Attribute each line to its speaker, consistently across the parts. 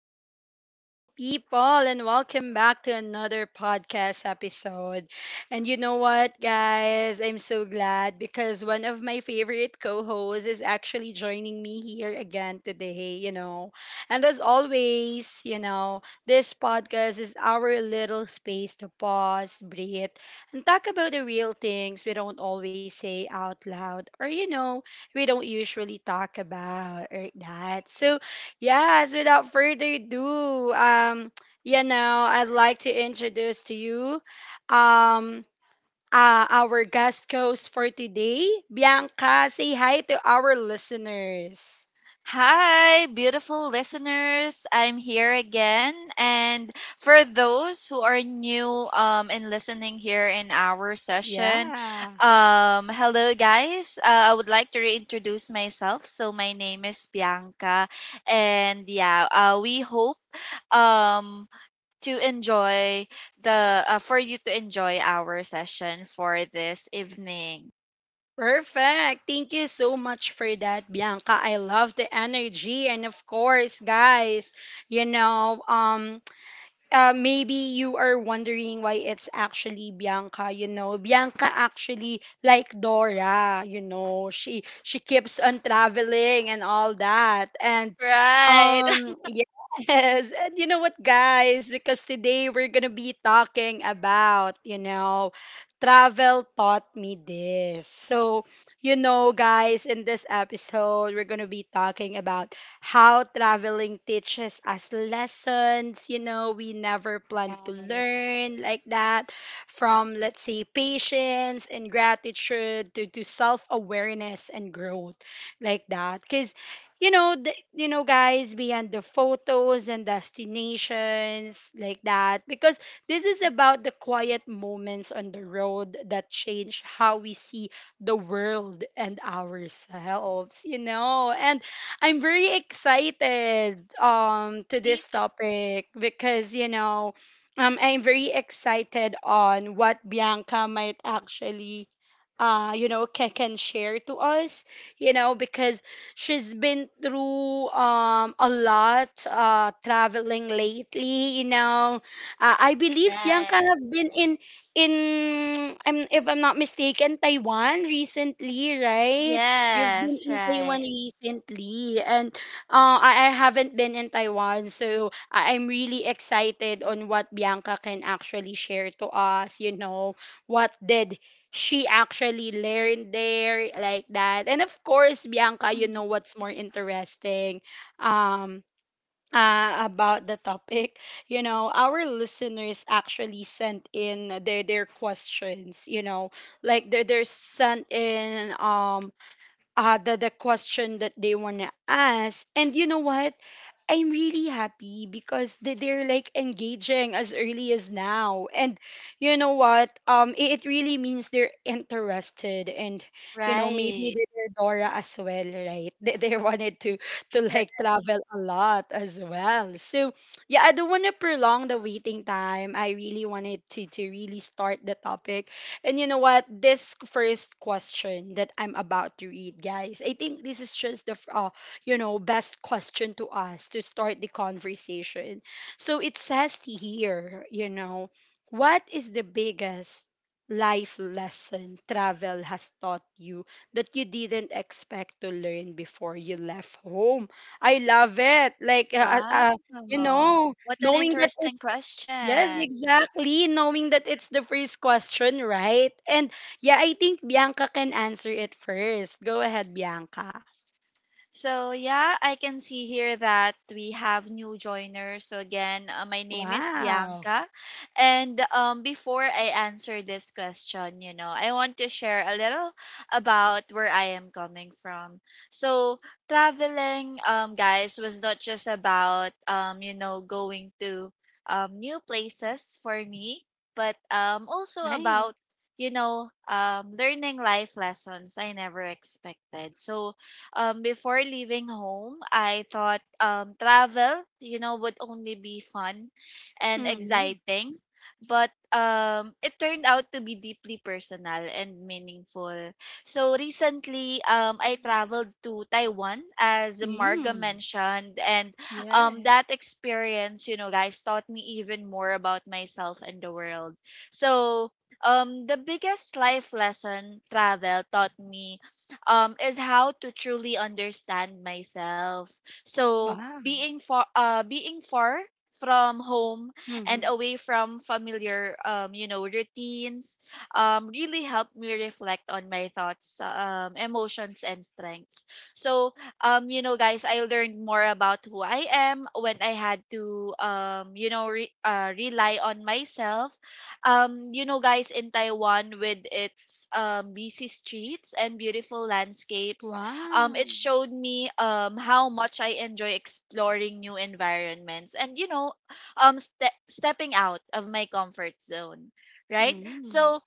Speaker 1: Hello, beautiful people, and welcome back to another podcast episode. And you know what, guys? I'm so glad because one of my favorite co hosts is actually joining me here again today. And as always, this podcast is our little space to pause, breathe, and talk about the real things we don't always say out loud or, we don't usually talk about, right? That. So, yes, without further ado, I'd like to introduce to you um our guest host for today, Bianca. Say hi to our listeners.
Speaker 2: Hi, beautiful listeners. I'm here again. And for those who are new and listening here in our session,
Speaker 1: Yeah.
Speaker 2: hello, guys. I would like to reintroduce myself. So, my name is Bianca. And yeah, we hope um, to enjoy for you to enjoy our session for this evening.
Speaker 1: Perfect. Thank you so much for that, Bianca. I love the energy and of course, guys, you know, um maybe you are wondering why it's actually Bianca. Bianca actually like Dora. She keeps on traveling and all that. And
Speaker 2: Right.
Speaker 1: um yes, and you know what, guys, because today we're going to be talking about, travel taught me this. So, in this episode, we're going to be talking about how traveling teaches us lessons, we never plan to
Speaker 2: Right.
Speaker 1: learn like that, from, let's say, patience and gratitude to, self awareness and growth like that. Because beyond the photos and destinations like that, because this is about the quiet moments on the road that change how we see the world and ourselves. And I'm very excited to
Speaker 2: Me
Speaker 1: this
Speaker 2: too.
Speaker 1: topic because I'm very excited on what Bianca might actually can, share to us, because she's been through a lot traveling lately, I believe Bianca
Speaker 2: Right.
Speaker 1: have been in in I'm if I'm not mistaken Taiwan recently, right? You've been
Speaker 2: Yes,
Speaker 1: in Taiwan
Speaker 2: right.
Speaker 1: recently, and I haven't been in Taiwan, so I'm really excited on what Bianca can actually share to us. You know, what did she actually learn there, like that? And of course, Bianca, you
Speaker 2: Mhm.
Speaker 1: know what's more interesting, um, about the topic. You know, our listeners actually sent in their questions. You know, like they're sent in the question that they want to ask. And you know what? I'm really happy because they're like engaging as early as now. And you know what? It really means they're interested and maybe
Speaker 2: Right.
Speaker 1: they're Dora as well, right? They wanted to
Speaker 2: Sure.
Speaker 1: like travel a lot as well. So yeah, I don't want to prolong the waiting time. I really wanted to really start the topic. And you know what? This first question that I'm about to read, guys, I think this is just the best question to ask to start the conversation. So it says here, what is the biggest life lesson travel has taught you that you didn't expect to learn before you left home? I love it. Like, you
Speaker 2: Wow.
Speaker 1: know,
Speaker 2: What an
Speaker 1: knowing that
Speaker 2: interesting
Speaker 1: it's Yes,
Speaker 2: question.
Speaker 1: exactly. Knowing that it's the first question, right? And yeah, I think Bianca can answer it first. Go ahead, Bianca.
Speaker 2: So yeah, I can see here that we have new joiners. So again, my name is
Speaker 1: Wow.
Speaker 2: Bianca, and before I answer this question, you know, I want to share a little about where I am coming from. So traveling, guys, was not just about you know, going to new places for me, but also
Speaker 1: Nice.
Speaker 2: about learning life lessons I never expected. So before leaving home, I thought travel, you know, would only be fun and
Speaker 1: Mhm.
Speaker 2: exciting. But it turned out to be deeply personal and meaningful. So recently, I traveled to Taiwan, as Marga
Speaker 1: Mm.
Speaker 2: mentioned, and
Speaker 1: Yeah.
Speaker 2: that experience, you know, guys, taught me even more about myself and the world. So the biggest life lesson travel taught me is how to truly understand myself. So
Speaker 1: Wow.
Speaker 2: being far from home and
Speaker 1: Mhm.
Speaker 2: away from familiar, you know, routines, really helped me reflect on my thoughts, emotions, and strengths. So, you know, guys, I learned more about who I am when I had to, you know, rely on myself you know, guys, in Taiwan, with its busy streets and beautiful landscapes, it
Speaker 1: Wow.
Speaker 2: showed me how much I enjoy exploring new environments, and you know, stepping out of my comfort zone, right?
Speaker 1: Mhm.
Speaker 2: So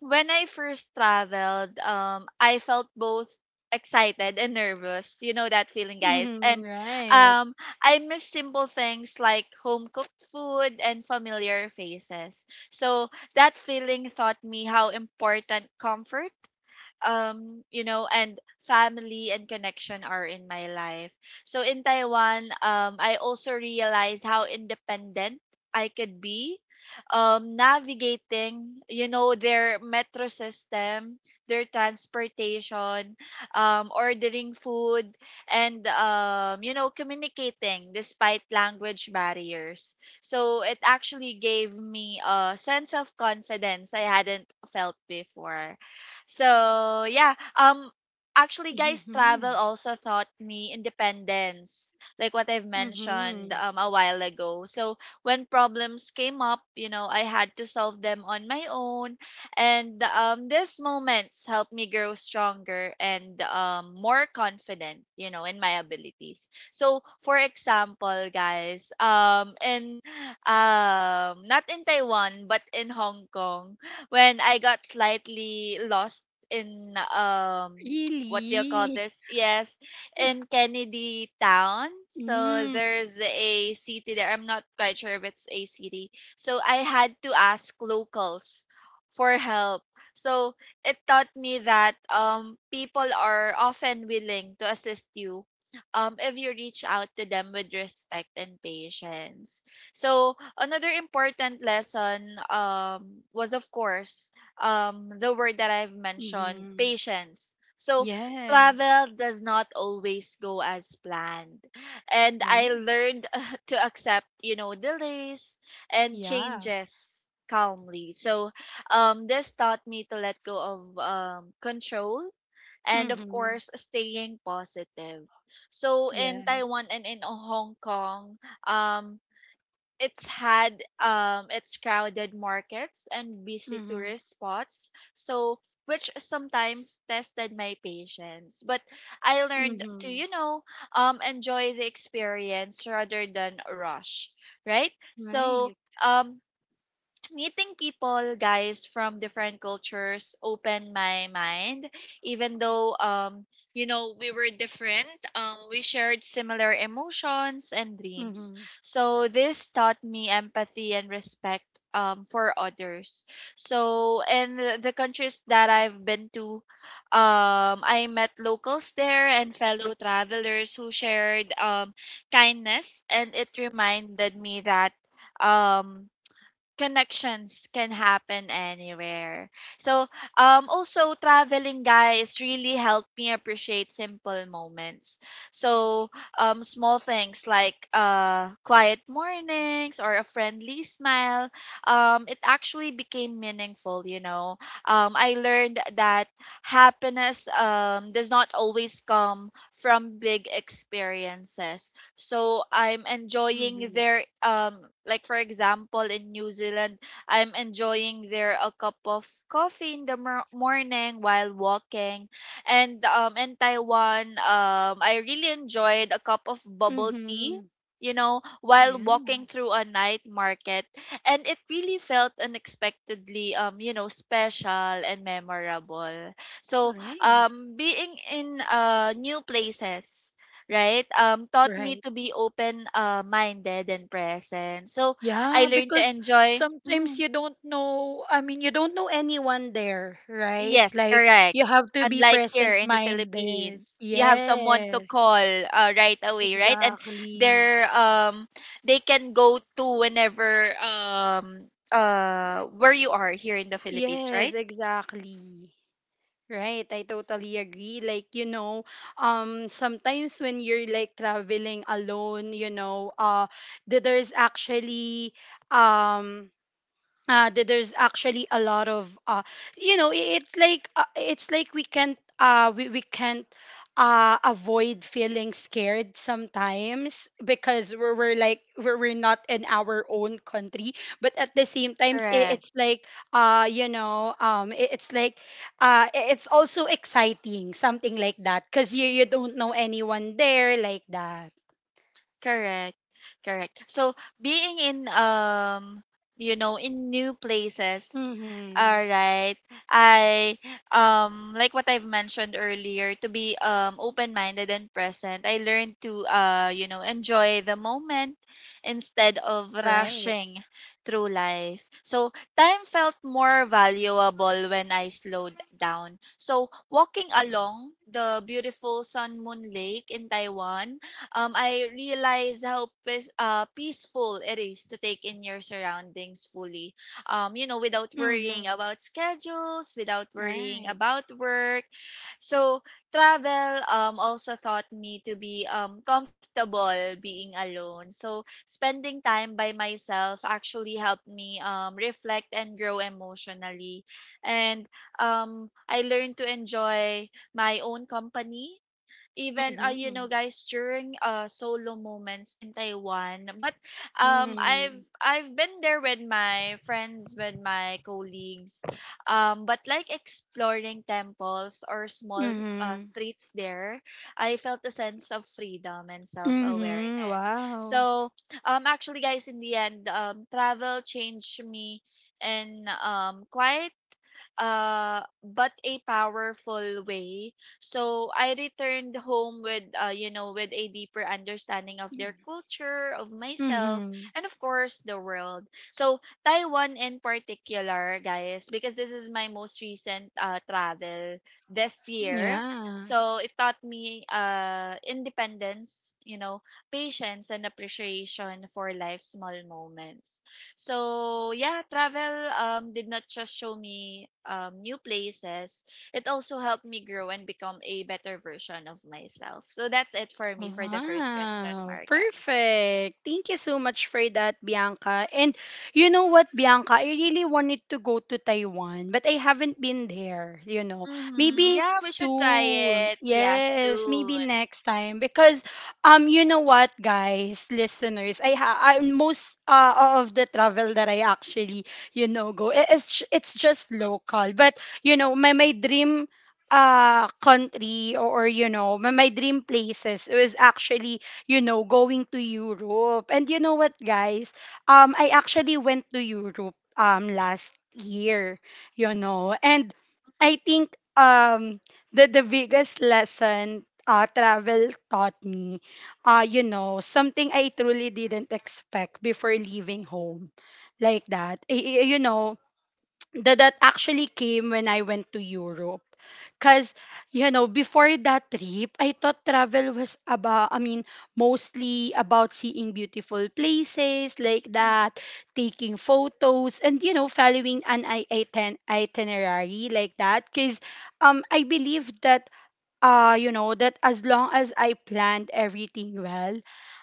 Speaker 2: when I first traveled, I felt both excited and nervous. You know that feeling, guys.
Speaker 1: Mhm.
Speaker 2: And
Speaker 1: Right.
Speaker 2: um, I miss simple things like home cooked food and familiar faces. So that feeling taught me how important comfort you know, and family and connection are in my life. So in Taiwan, I also realized how independent I could be, navigating, you know, their metro system, their transportation, ordering food, and you know, communicating despite language barriers. So it actually gave me a sense of confidence I hadn't felt before. So yeah, actually, guys, travel
Speaker 1: Mhm.
Speaker 2: also taught me independence, like what I've mentioned
Speaker 1: Mhm.
Speaker 2: a while ago. So when problems came up, you know, I had to solve them on my own, and these moments helped me grow stronger and more confident, you know, in my abilities. So for example, guys, in not in Taiwan but in Hong Kong, when I got slightly lost in what do you call
Speaker 1: Really.
Speaker 2: this? Yes, in Kennedy Town. So
Speaker 1: Mhm.
Speaker 2: there's a city there. I'm not quite sure if it's a city. So I had to ask locals for help. So it taught me that people are often willing to assist you if you reach out to them with respect and patience. So another important lesson, was of course the word that I've mentioned,
Speaker 1: Mhm.
Speaker 2: patience. So
Speaker 1: Yes.
Speaker 2: travel does not always go as planned, and I
Speaker 1: Right.
Speaker 2: learned to accept, you know, delays and
Speaker 1: Yeah.
Speaker 2: changes calmly. So this taught me to let go of control, and of
Speaker 1: Mhm.
Speaker 2: course staying positive. So in Taiwan
Speaker 1: Yes.
Speaker 2: and in Hong Kong, um, it's had its crowded markets and busy
Speaker 1: Mhm.
Speaker 2: tourist spots, so which sometimes tested my patience. But I learned to,
Speaker 1: Mhm.
Speaker 2: you know, enjoy the experience rather than rush, right? So
Speaker 1: Right.
Speaker 2: um meeting people, guys, from different cultures opened my mind. Even though you know, we were different, we shared similar emotions and dreams.
Speaker 1: Mhm.
Speaker 2: So this taught me empathy and respect for others. So in the countries that I've been to, I met locals there and fellow travelers who shared kindness, and it reminded me that um connections can happen anywhere. So, also traveling, guys, really helped me appreciate simple moments. So, small things like quiet mornings or a friendly smile, it actually became meaningful. You know, I learned that happiness does not always come from big experiences. So I'm enjoying
Speaker 1: Mhm.
Speaker 2: their like for example in New Zealand, I'm enjoying their a cup of coffee in the morning while walking. And in Taiwan, I really enjoyed a cup of bubble tea,
Speaker 1: Mhm.
Speaker 2: you know, while
Speaker 1: Yeah.
Speaker 2: walking through a night market, and it really felt unexpectedly, you know, special and memorable. So
Speaker 1: Right.
Speaker 2: being in new places, right? Taught me
Speaker 1: Right.
Speaker 2: to be open minded and present. So I
Speaker 1: Yeah,
Speaker 2: learned to
Speaker 1: because
Speaker 2: enjoy.
Speaker 1: sometimes
Speaker 2: Mhm.
Speaker 1: you don't know, I mean, you don't know anyone there, right?
Speaker 2: Yes,
Speaker 1: Like,
Speaker 2: correct.
Speaker 1: you have to be
Speaker 2: Unlike here
Speaker 1: present
Speaker 2: in the
Speaker 1: minded.
Speaker 2: Philippines, you have someone to
Speaker 1: Yes,
Speaker 2: call right away, right? And
Speaker 1: exactly.
Speaker 2: they're they can go to whenever where you are here in the Philippines,
Speaker 1: Yes,
Speaker 2: right?
Speaker 1: exactly. Right, I totally agree. Like, sometimes when you're like traveling alone, there's actually um there's actually a lot of it's like we can't we can't avoid feeling scared sometimes because we're like we're not in our own country, but at the same times I
Speaker 2: Correct.
Speaker 1: it's like it's like it's also exciting, something like that, because you don't know anyone there like that.
Speaker 2: Correct. Correct. So being in you know, in new places,
Speaker 1: Mm-hmm.
Speaker 2: all right, I like what I've mentioned earlier, to be open minded and present, I learned to, you know, enjoy the moment instead of
Speaker 1: Right.
Speaker 2: rushing through life. So time felt more valuable when I slowed down. So walking along the beautiful Sun Moon Lake in Taiwan, I realize how peaceful it is to take in your surroundings fully. You know, without worrying
Speaker 1: Mm-hmm.
Speaker 2: about schedules, without worrying
Speaker 1: Right.
Speaker 2: about work. So travel, also taught me to be comfortable being alone. So spending time by myself actually helped me reflect and grow emotionally. And I learned to enjoy my own company even, you know,
Speaker 1: Mm-hmm.
Speaker 2: guys, during solo moments in Taiwan. But um I've
Speaker 1: Mm-hmm.
Speaker 2: I've been there with my friends, with my colleagues, but like exploring temples or small
Speaker 1: Mhm.
Speaker 2: streets there, I felt a sense of freedom and
Speaker 1: Mhm.
Speaker 2: self-awareness.
Speaker 1: Wow.
Speaker 2: So actually, guys, in the end, travel changed me in quite but a powerful way. So I returned home with, you know, with a deeper understanding of their culture, of myself,
Speaker 1: Mhm.
Speaker 2: and of course the world. So Taiwan in particular, guys, because this is my most recent travel this year.
Speaker 1: Yeah.
Speaker 2: So it taught me, independence, you know, patience, and appreciation for life's small moments. So yeah, travel did not just show me new places. It also helped me grow and become a better version of myself. So that's it for me for the first question,
Speaker 1: Wow,
Speaker 2: Marga.
Speaker 1: perfect. Thank you so much for that, Bianca. And you know what, Bianca? I really wanted to go to Taiwan, but I haven't been there.
Speaker 2: Mm-hmm.
Speaker 1: Maybe
Speaker 2: Yeah, we should try
Speaker 1: soon.
Speaker 2: it. Yeah,
Speaker 1: Yes, maybe
Speaker 2: soon.
Speaker 1: next time, because you know what, guys, listeners, most of the travel that I actually, go, it's just local. But, you know, my dream country, or, my dream places was actually, going to Europe. And you know what, guys, I actually went to Europe last year, you know. And I think, the biggest lesson travel taught me, something I truly didn't expect before leaving home like that, that actually came when I went to Europe. Cause, before that trip, I thought travel was about, I mean, mostly about seeing beautiful places like that, taking photos and, following an itinerary like that. Cause I believe that, that as long as I planned everything well,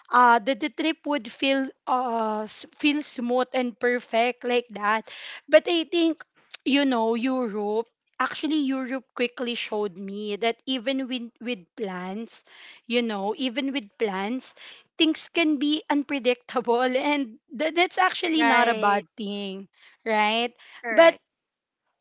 Speaker 1: the trip would feel smooth and perfect like that. But I think, you know, Europe Europe quickly showed me that even with plans, even with plans, things
Speaker 2: Mhm.
Speaker 1: can be unpredictable, and that's actually not a
Speaker 2: Right.
Speaker 1: bad thing, right? But
Speaker 2: Correct.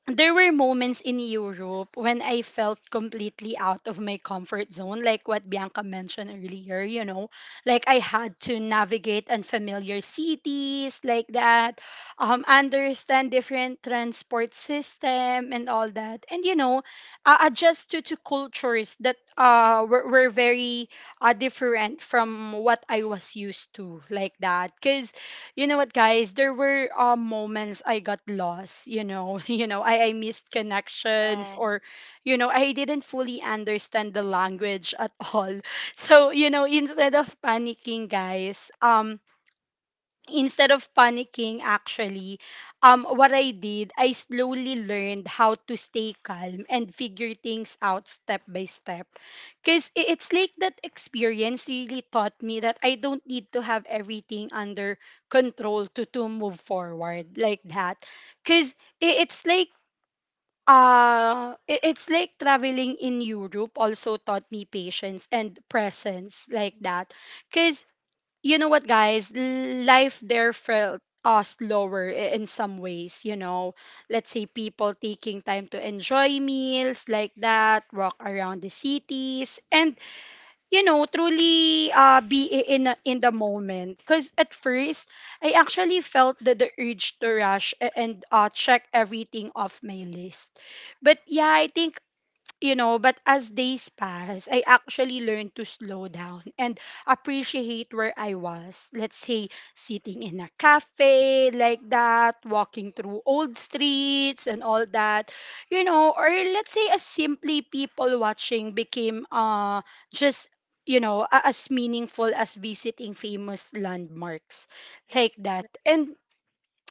Speaker 1: there were moments in Europe when I felt completely out of my comfort zone, like what Bianca mentioned earlier, like I had to navigate unfamiliar cities like that, understand different transport system and all that, and adjust to, cultures that, were very, different from what I was used to, like that. Because, you know what, guys, there were moments I got lost. I missed connections,
Speaker 2: Right.
Speaker 1: or I didn't fully understand the language at all. So, instead of panicking, guys, instead of panicking, actually, what I did, I slowly learned how to stay calm and figure things out step by step. Because it's like that experience really taught me that I don't need to have everything under control to move forward like that. Because it's like, it's like traveling in Europe also taught me patience and presence like
Speaker 2: Mhm.
Speaker 1: that. Cause you know what, guys, life there felt, slower in some ways, you know, let's say people taking time to enjoy meals like that, walk around the cities and, truly, be in the moment, because at first I actually felt the urge to rush and, check everything off my list. But yeah, I think, but as days pass, I actually learned to slow down and appreciate where I was. Let's say sitting in a cafe like that, walking through old streets and all that, you know, or let's say as simply people watching became just as meaningful as visiting famous landmarks like that. And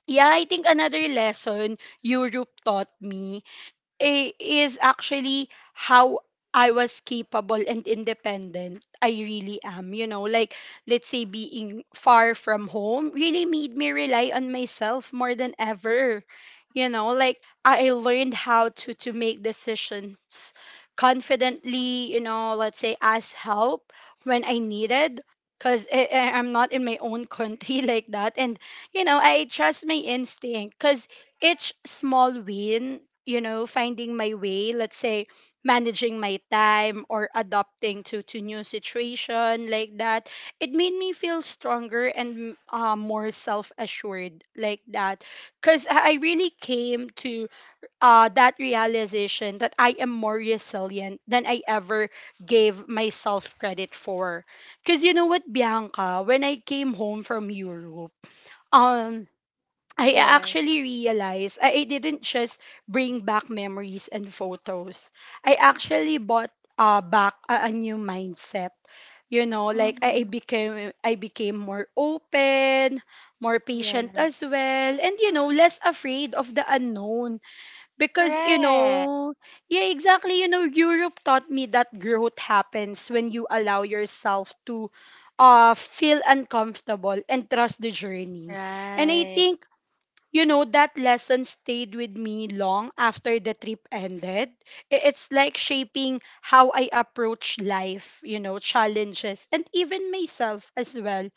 Speaker 1: yeah, I think another lesson Europe taught me is actually how I was capable and independent I really am. You know, like, let's say being far from home really made me rely on myself more than ever. You know, like, I learned how to, make decisions confidently, let's say ask help when I needed. Because I'm not in my own country like that. And, you know, I trust my instinct. Because each small win, you know, finding my way, let's say managing my time or adapting to new situation like that, it made me feel stronger and, more self-assured like that. Cause I really came to, that realization that I am more resilient than I ever gave myself credit for. Cause you know what, Bianca, when I came home from Europe, um. I
Speaker 2: Yes.
Speaker 1: actually realized I didn't just bring back memories and photos. I actually bought, back a new mindset. You know, like
Speaker 2: Mm-hmm.
Speaker 1: I became more open, more patient
Speaker 2: Yeah.
Speaker 1: as well, and, less afraid of the unknown. Because, you
Speaker 2: Correct.
Speaker 1: know, yeah, exactly, you know, Europe taught me that growth happens when you allow yourself to feel uncomfortable and trust the journey. And I
Speaker 2: Right.
Speaker 1: think, that lesson stayed with me long after the trip ended. It's like shaping how I approach life, you know, challenges and even myself as well.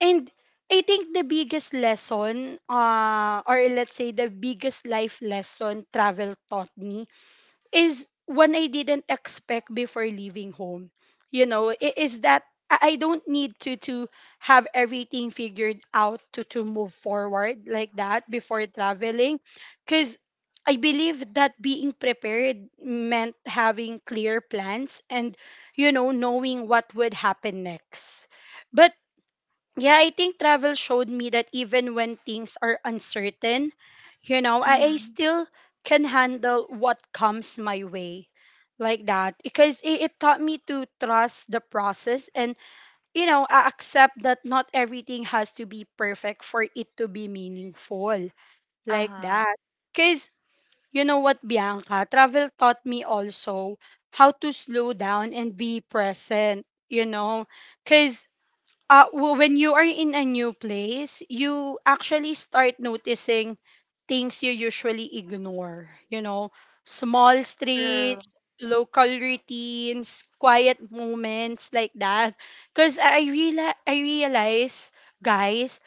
Speaker 1: And I think the biggest lesson, or let's say the biggest life lesson travel taught me, is one I didn't expect before leaving home. You know, it is that I don't need to have everything figured out to move forward like that before traveling cuz I believe that being prepared meant having clear plans and you know knowing what would happen next. But yeah, I think travel showed me that even when things are uncertain, you know, I
Speaker 2: Mm-hmm.
Speaker 1: still can handle what comes my way like that because it taught me to trust the process and, you know, accept that not everything has to be perfect for it to be meaningful like
Speaker 2: Uh-huh.
Speaker 1: that. Because, you know what, Bianca, travel taught me also how to slow down and be present, you know, because when you are in a new place, you actually start noticing things you usually ignore. You know, small
Speaker 2: True.
Speaker 1: streets, local routines, quiet moments like that. Because I realize, guys,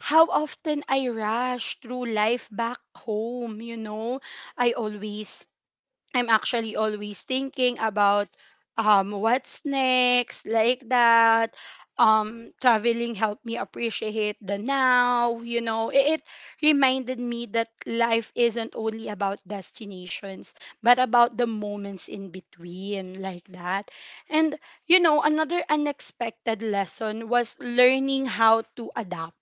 Speaker 1: how often I rush through life back home, you know? I always I'm actually always thinking about what's next like that. Traveling helped me appreciate the now, you know. It reminded me that life isn't only about destinations, but about the moments in between like that. And you know, another unexpected lesson was learning how to adapt,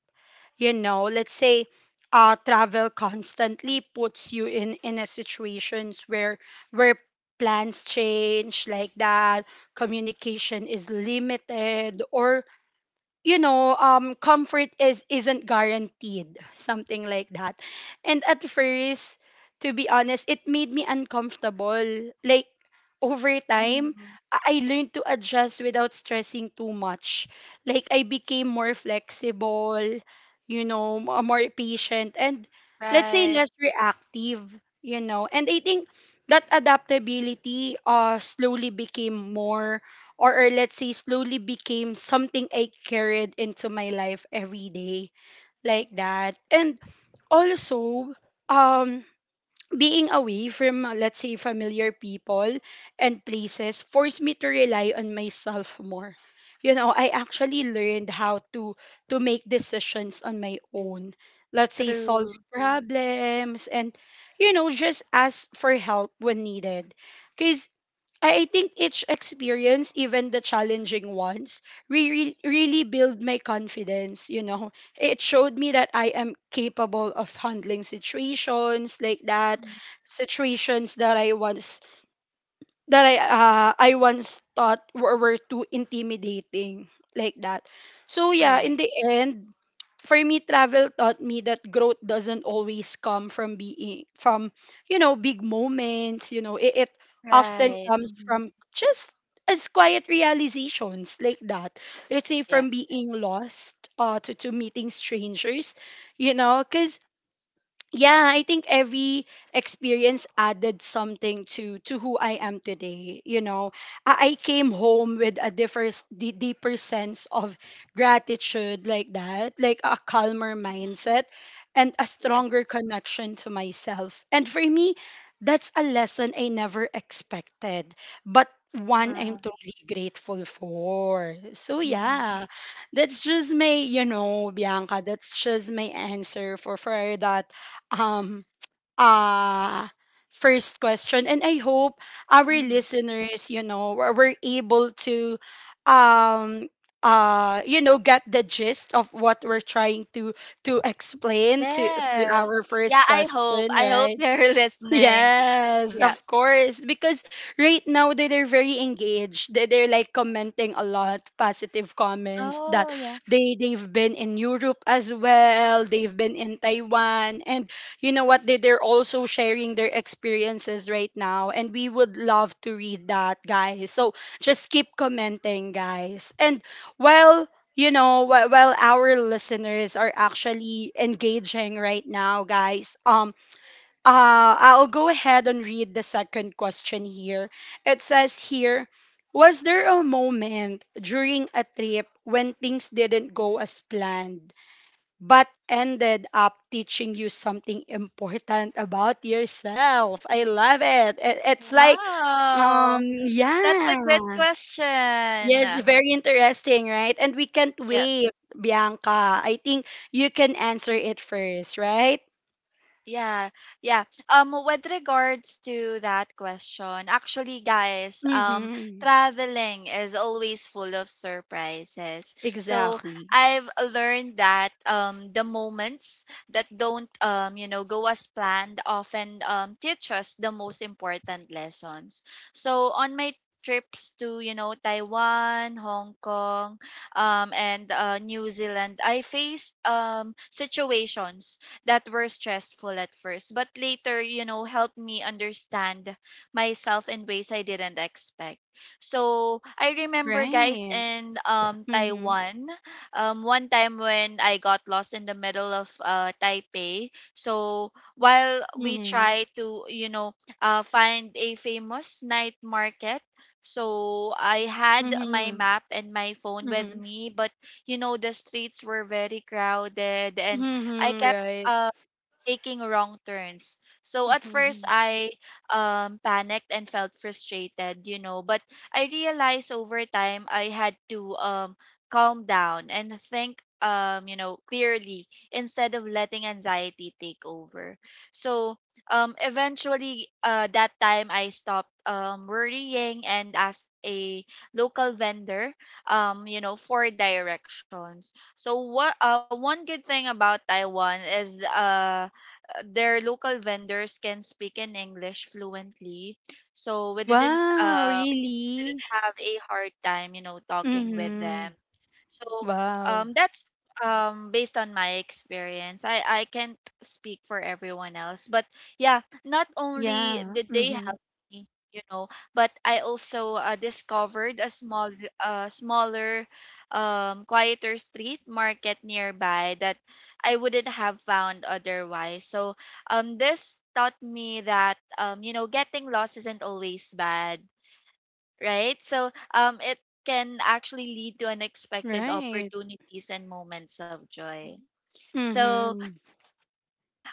Speaker 1: you know, let's say travel constantly puts you in a situations where plans change like that, communication is limited, or you know, comfort is isn't guaranteed, something like that. And at first, to be honest, it made me uncomfortable. Like over time,
Speaker 2: Mm-hmm.
Speaker 1: I learned to adjust without stressing too much. Like I became more flexible, you know, more patient, and let's say
Speaker 2: Right.
Speaker 1: less reactive, you know. And I think that adaptability slowly became more, or let's say slowly became something I carried into my life every day like that. And also um being away from let's say familiar people and places forced me to rely on myself more. You know, I actually learned how to make decisions on my own. Let's say solve
Speaker 2: True.
Speaker 1: problems and you know just ask for help when needed. Cuz I think each experience, even the challenging ones, really build my confidence. You know, it showed me that I am capable of handling situations like that,
Speaker 2: Mm-hmm.
Speaker 1: situations that I once thought were too intimidating like that. So yeah, in
Speaker 2: Right.
Speaker 1: the end, for me travel taught me that growth doesn't always come from being from you know big moments, you know. It often
Speaker 2: Right.
Speaker 1: comes
Speaker 2: Mhm.
Speaker 1: from just as quiet realizations like that. Let's say from
Speaker 2: Yes,
Speaker 1: being
Speaker 2: yes.
Speaker 1: lost to meeting strangers, you know, cuz yeah I think every experience added something to who I am today, you know. I came home with a deeper sense of gratitude like that, like a calmer
Speaker 2: Mhm.
Speaker 1: mindset and a
Speaker 2: Yes.
Speaker 1: stronger connection to myself, and for me that's a lesson I never expected, but one I'm
Speaker 2: Wow.
Speaker 1: truly grateful for. So
Speaker 2: Mhm.
Speaker 1: yeah, that's just my, you know, Bianca, that's just my answer for that, um uh first question. And I hope our
Speaker 2: Mhm.
Speaker 1: listeners, you know, were able to um you know get the gist of what we're trying to explain to
Speaker 2: Yes.
Speaker 1: our
Speaker 2: Yeah,
Speaker 1: first
Speaker 2: I hope.
Speaker 1: question,
Speaker 2: I hope
Speaker 1: right?
Speaker 2: they're listening.
Speaker 1: Yes,
Speaker 2: Yeah.
Speaker 1: of course. Because right now they're very engaged. They're like commenting a lot, positive comments
Speaker 2: Oh,
Speaker 1: that
Speaker 2: yeah.
Speaker 1: they've been in Europe as well. They've been in Taiwan, and you know what? They they're also sharing their experiences right now, and we would love to read that, guys. So just keep commenting, guys. And while you know, while our listeners are actually engaging right now, guys, I'll go ahead and read the second question here. It says here, was there a moment during a trip when things didn't go as planned, but ended up teaching you something important about yourself? I love it. It's like, um,
Speaker 2: Wow. That's a good
Speaker 1: yeah.
Speaker 2: question.
Speaker 1: Yes, very interesting, right? And we can't
Speaker 2: Yeah.
Speaker 1: wait, Bianca. I think you can answer it first, right?
Speaker 2: Yeah, yeah. With regards to that question, actually, guys,
Speaker 1: Mm-hmm.
Speaker 2: traveling is always full of surprises. So
Speaker 1: Exactly.
Speaker 2: I've learned that the moments that don't, you know, go as planned often teach us the most important lessons. So on my trips to, you know, Taiwan, Hong Kong, and New Zealand, I faced situations that were stressful at first, but later, you know, helped me understand myself in ways I didn't expect. So I remember, guys,
Speaker 1: Right.
Speaker 2: in
Speaker 1: Mhm.
Speaker 2: Taiwan, one time when I got lost in the middle of Taipei. So while we
Speaker 1: Mhm.
Speaker 2: try to, you know, find a famous night market, so I had my
Speaker 1: Mhm.
Speaker 2: map and my phone with
Speaker 1: Mhm.
Speaker 2: me, but you know, the streets were very crowded, and I
Speaker 1: Mhm.
Speaker 2: kept
Speaker 1: Right.
Speaker 2: um taking wrong turns. So at first
Speaker 1: Mhm.
Speaker 2: I panicked and felt frustrated, you know, but I realized over time I had to calm down and think, you know, clearly instead of letting anxiety take over. So eventually that time I stopped worrying and asked a local vendor, you know, for directions. So what one good thing about Taiwan is their local vendors can speak in English fluently. So we
Speaker 1: Wow, really?
Speaker 2: didn't have a hard time, you know, talking with them.
Speaker 1: Mhm.
Speaker 2: So
Speaker 1: Wow.
Speaker 2: that's based on my experience. I can't speak for everyone else. But yeah, not only
Speaker 1: Yeah.
Speaker 2: did they
Speaker 1: Mhm.
Speaker 2: help me, you know, but I also discovered a smaller, quieter street market nearby that I wouldn't have found otherwise. So this taught me that, you know, getting lost isn't always bad, right? So it can actually lead to unexpected
Speaker 1: Right.
Speaker 2: opportunities and moments of joy.
Speaker 1: Mhm.
Speaker 2: So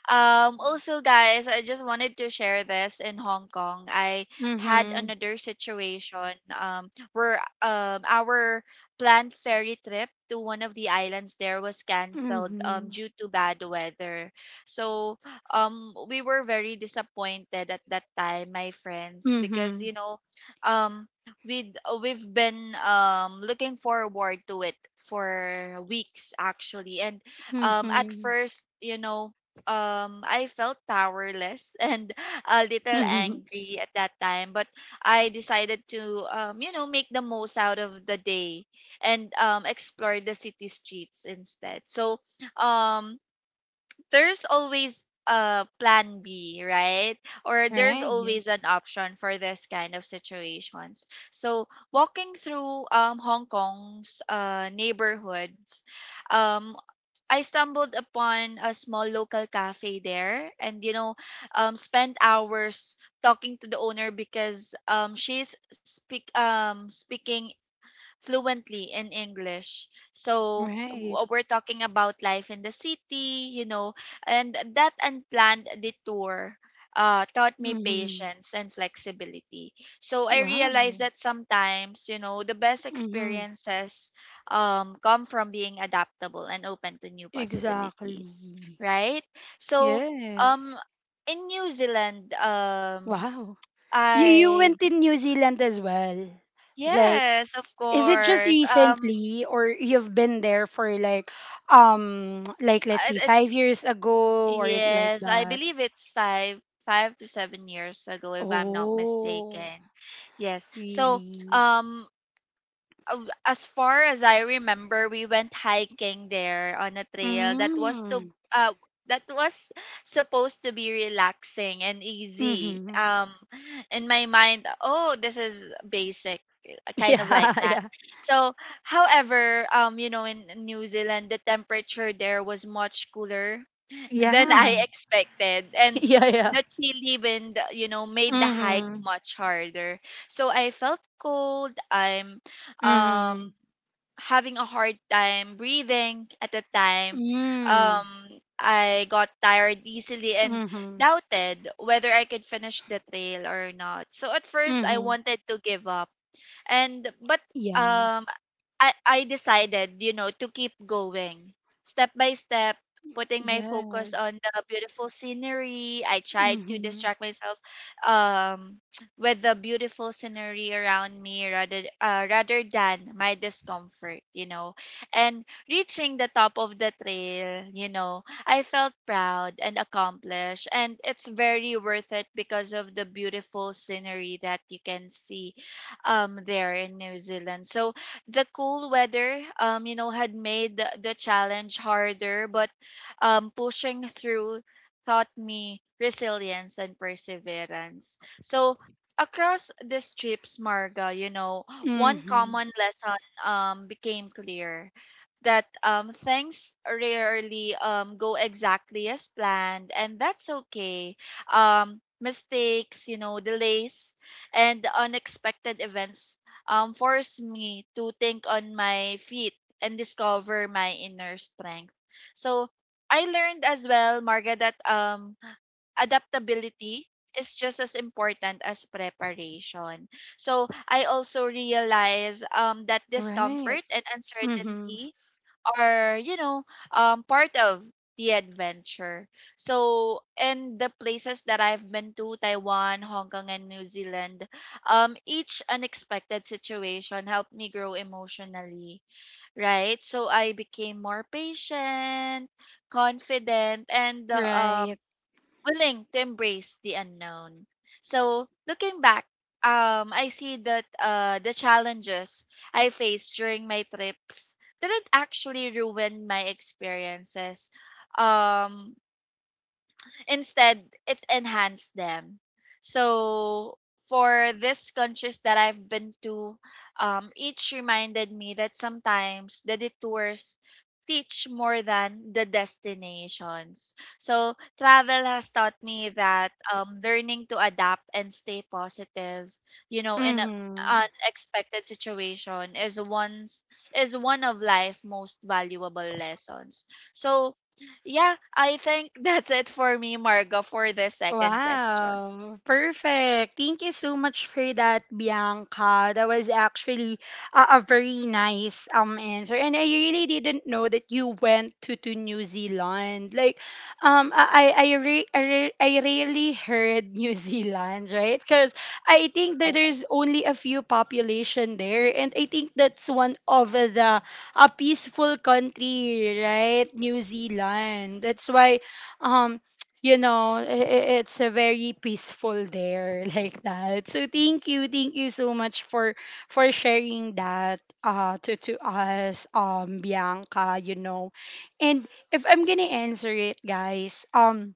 Speaker 2: also, guys, I just wanted to share this. In Hong Kong, I had
Speaker 1: Mhm.
Speaker 2: another situation where our planned ferry trip to one of the islands there was canceled
Speaker 1: Mhm.
Speaker 2: due to bad weather. So we were very disappointed at that time, my friends, because
Speaker 1: Mhm.
Speaker 2: um we we've been looking forward to it for weeks actually. And at
Speaker 1: Mhm.
Speaker 2: first, I felt powerless and a little
Speaker 1: Mhm.
Speaker 2: angry at that time, but I decided to make the most out of the day, and explore the city streets instead. So um there's always a plan B, right? Or there's
Speaker 1: Right.
Speaker 2: always an option for this kind of situations. So walking through Hong Kong's neighborhoods, um I stumbled upon a small local cafe there and spent hours talking to the owner, because she's speaking fluently in English. So
Speaker 1: Right.
Speaker 2: we're talking about life in the city, you know, and that unplanned detour taught me
Speaker 1: Mhm.
Speaker 2: patience and flexibility. So I
Speaker 1: Wow.
Speaker 2: realized that sometimes, you know, the best
Speaker 1: Mhm.
Speaker 2: experiences come from being adaptable and open to new possibilities,
Speaker 1: Exactly.
Speaker 2: right? So
Speaker 1: Yes.
Speaker 2: um, in New Zealand,
Speaker 1: Wow. You
Speaker 2: I
Speaker 1: went in
Speaker 2: bel-
Speaker 1: New Zealand as well. Like,
Speaker 2: yes, of
Speaker 1: is it just
Speaker 2: course.
Speaker 1: recently or you've been there for like let's
Speaker 2: I
Speaker 1: see five
Speaker 2: it's
Speaker 1: years ago or like
Speaker 2: yes, I
Speaker 1: that?
Speaker 2: believe it's 5 to 7 years ago if I'm not
Speaker 1: Oh,
Speaker 2: mistaken. Yes. So
Speaker 1: really?
Speaker 2: um as far as I remember, we went hiking there on a trail
Speaker 1: Mm.
Speaker 2: uh that was supposed to be relaxing and easy.
Speaker 1: Mm-hmm.
Speaker 2: In my mind, oh, this is basic, kind of like
Speaker 1: Yeah,
Speaker 2: that.
Speaker 1: yeah.
Speaker 2: So, however, in New Zealand, the temperature there was much cooler than I
Speaker 1: Yeah.
Speaker 2: expected. And
Speaker 1: Yeah, yeah.
Speaker 2: the chilly wind, you know, made the
Speaker 1: Mm-hmm.
Speaker 2: hike much harder. So I felt cold. I'm
Speaker 1: Mm-hmm.
Speaker 2: um having a hard time breathing at the time.
Speaker 1: Mm.
Speaker 2: Um I got tired easily and
Speaker 1: Mm-hmm.
Speaker 2: doubted whether I could finish the trail or not. So at first I
Speaker 1: Mm-hmm.
Speaker 2: wanted to give up. And but
Speaker 1: Yeah.
Speaker 2: um I decided, you know, to keep going. Step by step, putting my focus
Speaker 1: Yes.
Speaker 2: on the beautiful scenery. I tried to
Speaker 1: Mm-hmm.
Speaker 2: distract myself um with the beautiful scenery around me rather than my discomfort, you know. And reaching the top of the trail, you know, I felt proud and accomplished, and it's very worth it because of the beautiful scenery that you can see there in New Zealand. So the cool weather, had made the challenge harder, but pushing through taught me resilience and perseverance. So, across these trips, Marga, you know, one
Speaker 1: Mm-hmm.
Speaker 2: common lesson became clear that things rarely go exactly as planned, and that's okay. Mistakes, you know, delays, and unexpected events forced me to think on my feet and discover my inner strength. So I learned as well, Marga, that adaptability is just as important as preparation. So I also realized that
Speaker 1: Right.
Speaker 2: discomfort and
Speaker 1: Mm-hmm.
Speaker 2: uncertainty are, you know, part of the adventure. So, and the places that I've been to, Taiwan, Hong Kong and New Zealand, each unexpected situation helped me grow emotionally, right? So I became more patient, confident, and
Speaker 1: Right.
Speaker 2: um, willing to embrace the unknown. So looking back, I see that the challenges I faced during my trips didn't actually ruin my experiences. Um, Instead, it enhanced them. So for this countries that I've been to, each reminded me that sometimes the detours teach more than the destinations. So travel has taught me that learning to adapt and stay positive, you know, in a
Speaker 1: Hmm.
Speaker 2: unexpected situation is one of life most valuable lessons. So yeah, I think that's it for me, Margo, for the second question.
Speaker 1: Wow, perfect. Thank you so much for that, Bianca. That was actually a very nice answer. And I really didn't know that you went to New Zealand. Like, I rarely heard New Zealand, right? Because I think that
Speaker 2: Yeah,
Speaker 1: there's only a few population there, and I think that's one of the a peaceful country, right? New Zealand. That's why um you know, it's a very peaceful there like that. So thank you so much for sharing that to us, Bianca, you know. And if I'm gonna answer it, guys,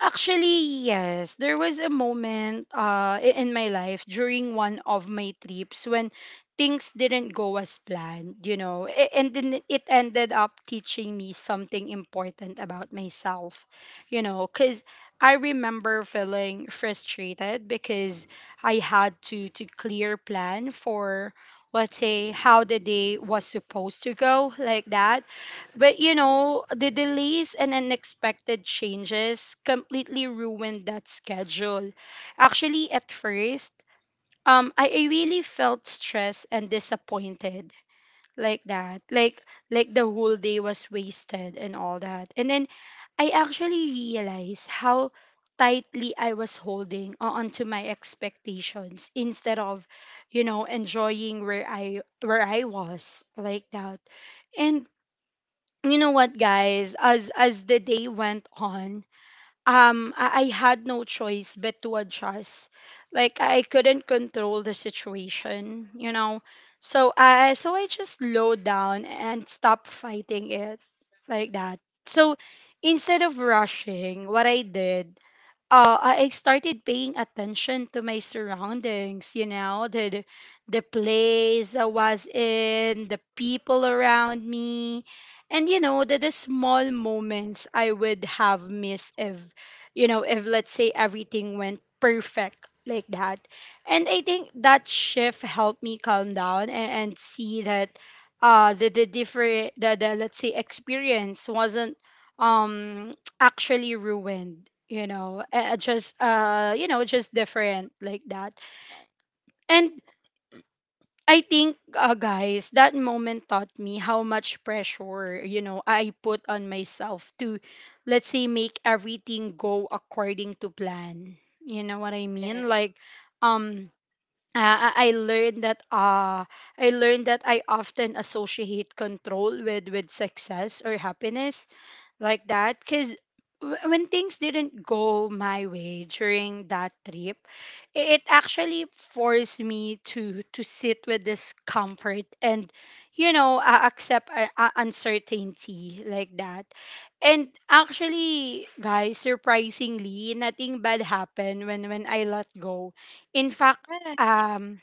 Speaker 1: actually, yes. There was a moment in my life during one of my trips when things didn't go as planned, you know, and then it ended up teaching me something important about myself, you know, because I remember feeling frustrated because I had to clear plan for, let's say, how the day was supposed to go like that, but you know, the delays and unexpected changes completely ruined that schedule. Actually, at first, I really felt stressed and disappointed like that. Like the whole day was wasted and all that. And then I actually realized how tightly I was holding onto my expectations instead of, you know, enjoying where I was like that. And you know what guys, as the day went on, I had no choice but to adjust. Like I couldn't control the situation, you know, so I just slowed down and stopped fighting it like that. So instead of rushing what I did, I started paying attention to my surroundings, you know, the place I was in, the people around me, and you know, the small moments I would have missed if, you know, if let's say everything went perfect like that. And I think that shift helped me calm down, and see that the let's say, experience wasn't um actually ruined, you know, just you know just different like that. And I think, guys, that moment taught me how much pressure, you know, I put on myself to, let's say, make everything go according to plan, you know what I
Speaker 2: yeah.
Speaker 1: mean? Like um I learned that I often associate control with success or happiness like that, because when things didn't go my way during that trip, it actually forced me to sit with discomfort and you know accept uncertainty like that. And actually guys, surprisingly nothing bad happened when I let go. In fact, um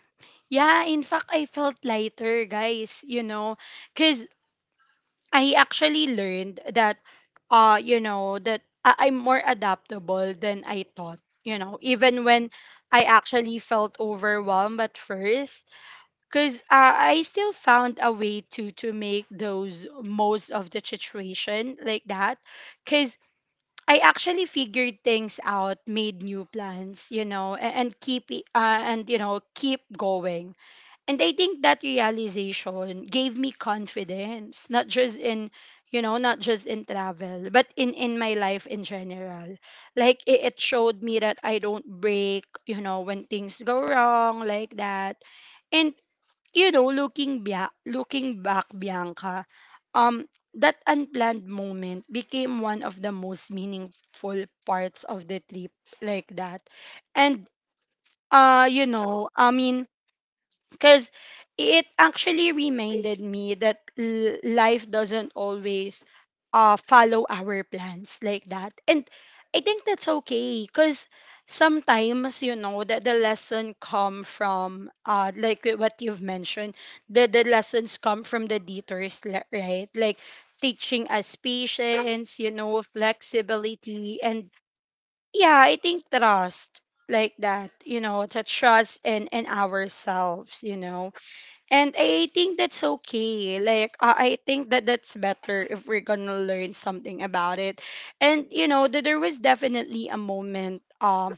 Speaker 1: yeah in fact I felt lighter, guys, you know, because I actually learned that you know that I'm more adaptable than I thought, you know, even when I actually felt overwhelmed at first. Cuz I still found a way to make those most of the situation like that. Cuz I actually figured things out, made new plans, you know, and you know, keep going. And I think that realization gave me confidence, not just in, you know, not just in travel, but in my life in general. Like it showed me that I don't break, you know, when things go wrong like that. And you know, looking back, Bianca, um, that unplanned moment became one of the most meaningful parts of the trip, like that. And you know, I mean, because it actually reminded me that life doesn't always follow our plans like that. And I think that's okay because sometimes, you know, that the lesson come from, like what you've mentioned, the lessons come from the detours, right? Like teaching us patience, you know, flexibility, and yeah, I think trust like that, you know, to trust in, ourselves, you know. And I think that's okay. Like, I think that that's better if we're gonna learn something about it. And, that there was definitely a moment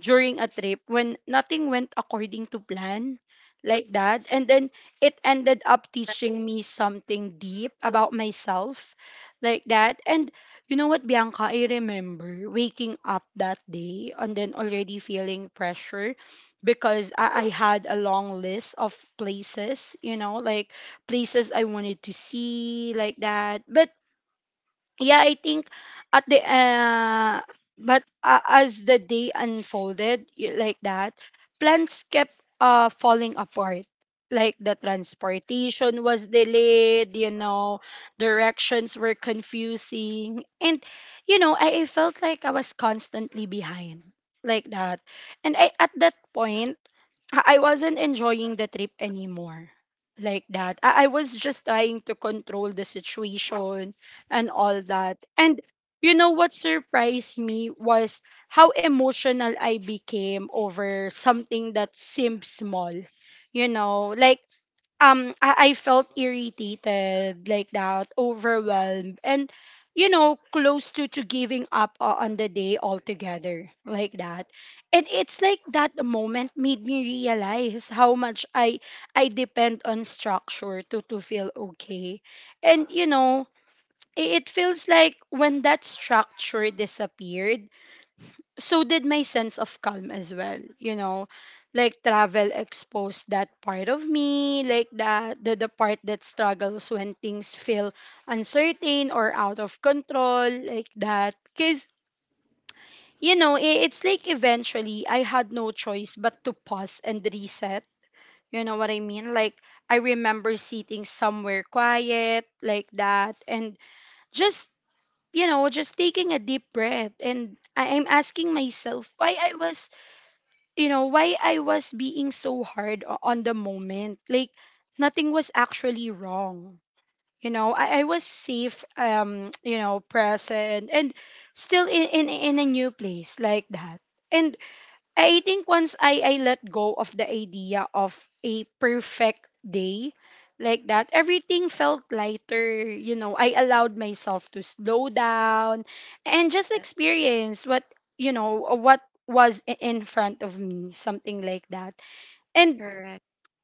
Speaker 1: during a trip when nothing went according to plan, like that. And then it ended up teaching me something deep about myself, like that. And you know what, Bianca, I remember waking up that day and then already feeling pressure, because I had a long list of places, you know, like, places I wanted to see, like that. But yeah, I think at the but as the day unfolded, like that, plans kept falling apart, like, the transportation was delayed, you know, directions were confusing, and I felt like I was constantly behind, like that. And I at that point, I wasn't enjoying the trip anymore, like that. I was just trying to control the situation and all that. And you know what surprised me was how emotional I became over something that seemed small. Like, I felt irritated, like that, overwhelmed, and, you know, close to giving up on the day altogether, like that. And it's like that moment made me realize how much I depend on structure to feel okay. And it feels like when that structure disappeared, so did my sense of calm as well, you know. Like, travel exposed that part of me, like that, the part that struggles when things feel uncertain or out of control, like that. Because it's like, eventually I had no choice but to pause and reset, you know what I mean. Like, I remember sitting somewhere quiet, like that, and just, just taking a deep breath and I'm asking myself why I was, why I was being so hard on the moment. Like, nothing was actually wrong. I was safe, present and still in a new place, like that. And I think once I let go of the idea of a perfect day, like that, everything felt lighter. You know, I allowed myself to slow down and just experience what was in front of me, something like that. And
Speaker 2: Correct.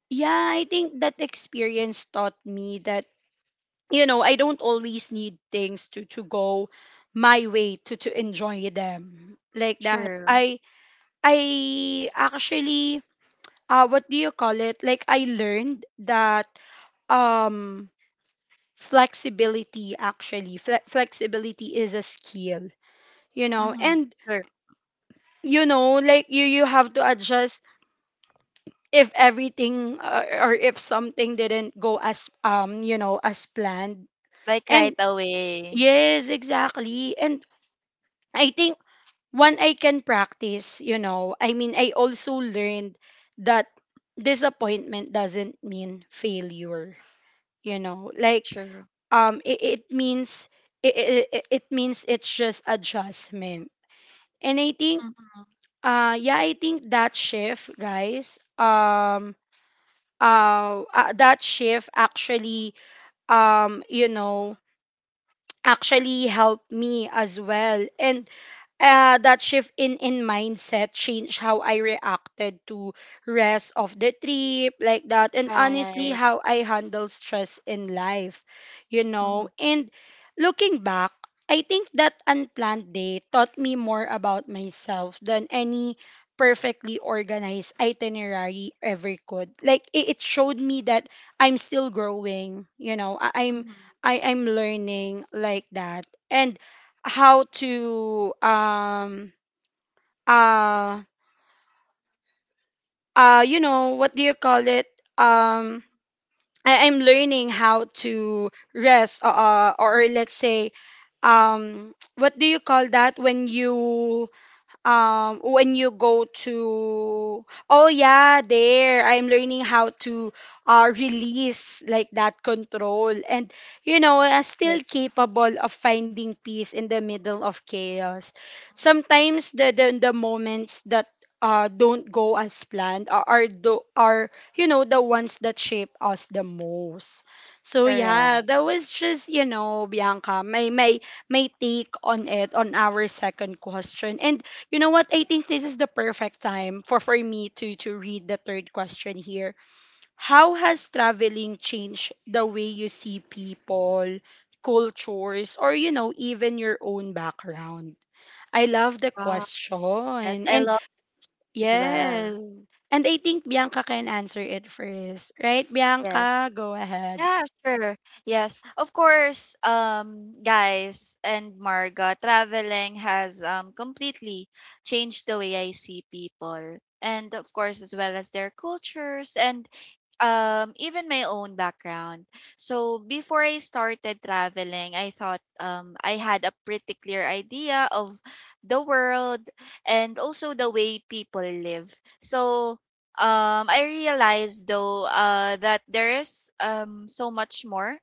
Speaker 1: yeah, I think that experience taught me that, you know, I don't always need things to go my way to enjoy them, like that.
Speaker 2: True.
Speaker 1: I actually, what do you call it, like, I learned that, um flexibility actually, flexibility is a skill, you know.
Speaker 2: Mm-hmm.
Speaker 1: And
Speaker 2: True.
Speaker 1: like, you have to adjust if everything, or if something didn't go as, as planned.
Speaker 2: Like right
Speaker 1: And
Speaker 2: away.
Speaker 1: yes, exactly. And I think, when I can practice, you know, I mean, I also learned that disappointment doesn't mean failure, like,
Speaker 2: True.
Speaker 1: it means, it means it's just adjustment. And I think,
Speaker 2: Mm-hmm.
Speaker 1: yeah, I think that shift, guys, that shift actually, um you know actually helped me as well. And, that shift in, mindset changed how I reacted to rest of the trip, like that, and honestly
Speaker 2: Right.
Speaker 1: how I handle stress in life,
Speaker 2: Mm-hmm.
Speaker 1: and looking back, I think that unplanned day taught me more about myself than any perfectly organized itinerary ever could. Like, it showed me that I'm still growing, I, I'm
Speaker 2: Mm-hmm.
Speaker 1: I, I'm learning, like that. And how to, uh what do you call it, um I'm learning how to rest, or let's say, what do you call that when you, when you go to, oh yeah, there, I'm learning how to, release, like that, control. And you know, I'm
Speaker 2: Yeah.
Speaker 1: still capable of finding peace in the middle of chaos. Sometimes the moments that, don't go as planned are, you know, the ones that shape us the most. So yeah,
Speaker 2: Correct.
Speaker 1: that was just, Bianca, my take on it, on our second question. And you know what? I think this is the perfect time for me to read the third question here. How has traveling changed the way you see people, cultures, or, you know, even your own background? I love the
Speaker 2: Wow. Yes,
Speaker 1: question.
Speaker 2: I
Speaker 1: And
Speaker 2: love it as
Speaker 1: yes.
Speaker 2: well.
Speaker 1: And I think Bianca can answer it first. Right,
Speaker 2: Yes.
Speaker 1: Bianca? Go ahead.
Speaker 2: Yeah, sure. Yes. Of course, guys and Marga, traveling has completely changed the way I see people. And of course, as well as their cultures, and even my own background. So before I started traveling, I thought I had a pretty clear idea of the world and also the way people live. So I realized though that there is so much more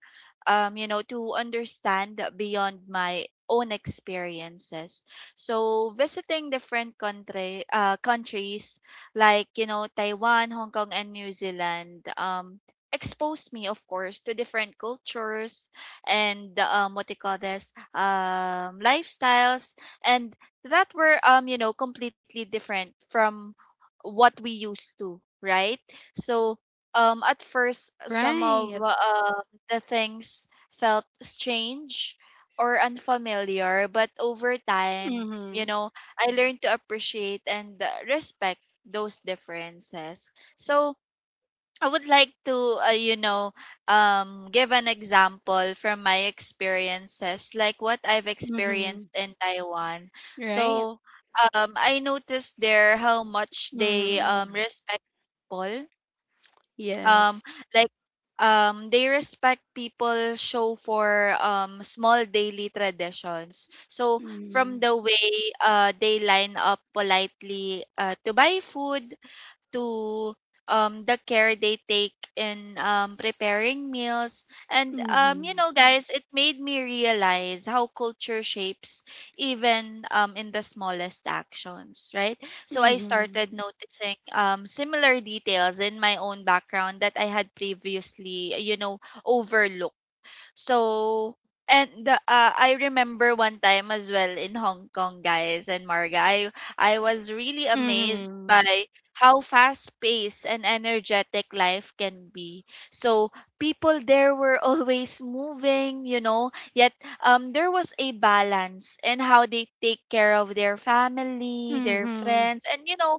Speaker 2: to understand beyond my own experiences. So visiting different country countries, like, you know, Taiwan, Hong Kong and New Zealand, exposed me of course to different cultures and what they call this, lifestyles, and that were, completely different from what we used to, right? So, at first, some of
Speaker 1: Right.
Speaker 2: the things felt strange or unfamiliar, but over time,
Speaker 1: Mm-hmm.
Speaker 2: you know, I learned to appreciate and, respect those differences. So, I would like to, uh, you know, give an example from my experiences, like what I've
Speaker 1: Mm-hmm.
Speaker 2: experienced in Taiwan.
Speaker 1: Right.
Speaker 2: So, I noticed there how much they
Speaker 1: Mm-hmm.
Speaker 2: respect people. Um,
Speaker 1: Yes.
Speaker 2: like, they respect people show for small daily traditions. So, from
Speaker 1: Mm-hmm.
Speaker 2: the way they line up politely to buy food, to the care they take in preparing meals, and
Speaker 1: Mm-hmm.
Speaker 2: guys, it made me realize how culture shapes even in the smallest actions, right? So I
Speaker 1: Mm-hmm.
Speaker 2: started noticing similar details in my own background that I had previously, you know, overlooked. So and I remember one time as well in Hong Kong, guys and Marga, I was really amazed
Speaker 1: Mhm.
Speaker 2: by how fast paced and energetic life can be. So people there were always moving, you know, yet there was a balance in how they take care of their family, their
Speaker 1: Mhm.
Speaker 2: friends, and you know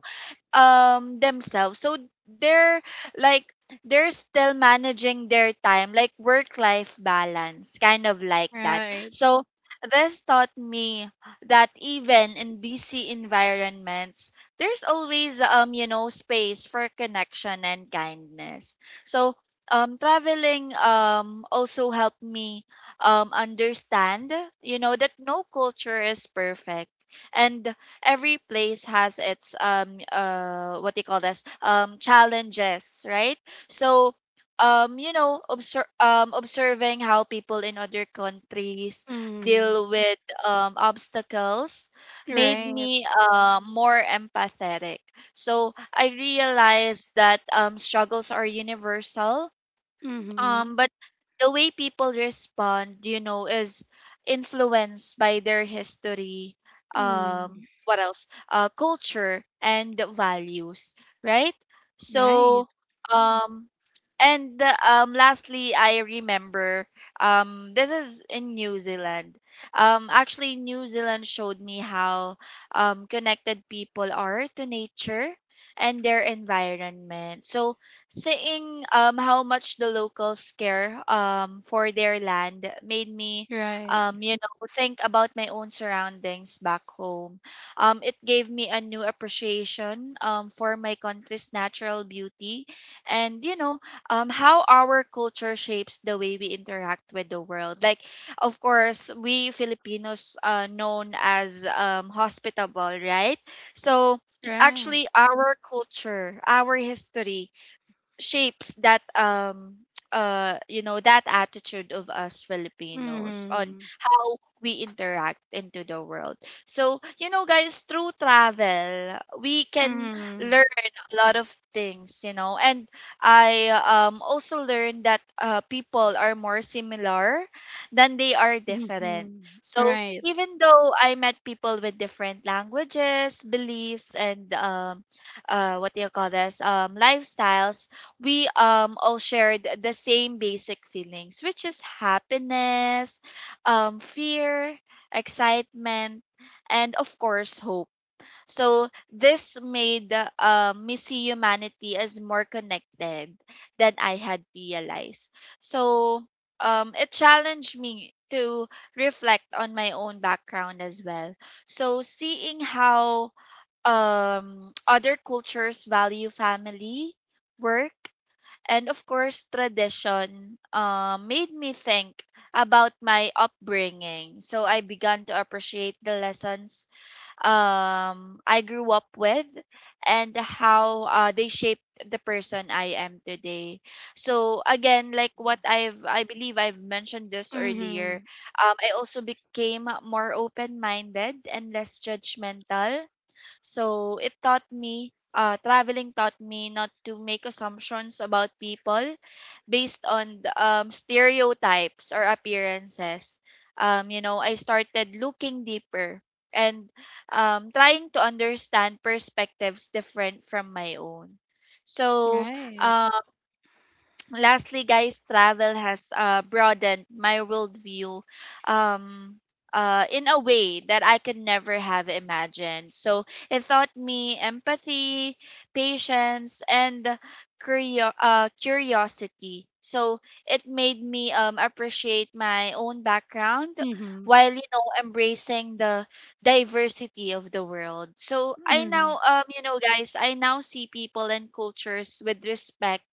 Speaker 2: um themselves. So they're like they're still managing their time, like, work life balance kind of like that.
Speaker 1: Right.
Speaker 2: So this taught me that even in busy environments there's always, space for connection and kindness. So traveling also helped me understand, you know, that no culture is perfect, and every place has its what do you call this, challenges, right? So observing how people in other countries
Speaker 1: Mhm.
Speaker 2: deal with obstacles made
Speaker 1: Right.
Speaker 2: me, more empathetic. So I realized that struggles are universal,
Speaker 1: Mhm.
Speaker 2: but the way people respond, you know, is influenced by their history,
Speaker 1: Mm.
Speaker 2: what else culture and the values, right? So
Speaker 1: Right.
Speaker 2: um and, lastly I remember, this is in New Zealand. Actually, New Zealand showed me how connected people are to nature and their environment. So seeing how much the locals care for their land made me,
Speaker 1: Right.
Speaker 2: think about my own surroundings back home. It gave me a new appreciation for my country's natural beauty, and, how our culture shapes the way we interact with the world. Like, of course, we Filipinos, known as hospitable, right? So,
Speaker 1: Right.
Speaker 2: actually, our culture, our history, shapes that you know that attitude of us Filipinos on
Speaker 1: Mhm.
Speaker 2: how we interact into the world. So, you know, guys, through travel, we can
Speaker 1: Mhm.
Speaker 2: learn a lot of things, you know. And I also learned that, people are more similar than they are different.
Speaker 1: Mhm.
Speaker 2: So,
Speaker 1: Right.
Speaker 2: even though I met people with different languages, beliefs and what do you call this, lifestyles, we all shared the same basic feelings, which is happiness, fear, excitement, and of course hope. So this made me see humanity as more connected than I had realized. So it challenged me to reflect on my own background as well. So seeing how other cultures value family, work, and of course, tradition, made me think about my upbringing. So I began to appreciate the lessons I grew up with and how, they shaped the person I am today. So again, like what I believe I've mentioned this earlier,
Speaker 1: Mhm.
Speaker 2: I also became more open minded and less judgmental. So traveling taught me not to make assumptions about people based on stereotypes or appearances. I started looking deeper, and trying to understand perspectives different from my own. So,
Speaker 1: Right.
Speaker 2: um, lastly guys, travel has, broadened my worldview um in a way that I could never have imagined. So it taught me empathy, patience, and curiosity. So it made me appreciate my own background
Speaker 1: Mhm.
Speaker 2: while, you know, embracing the diversity of the world. So I
Speaker 1: Mhm.
Speaker 2: now you know guys, I now see people and cultures with respect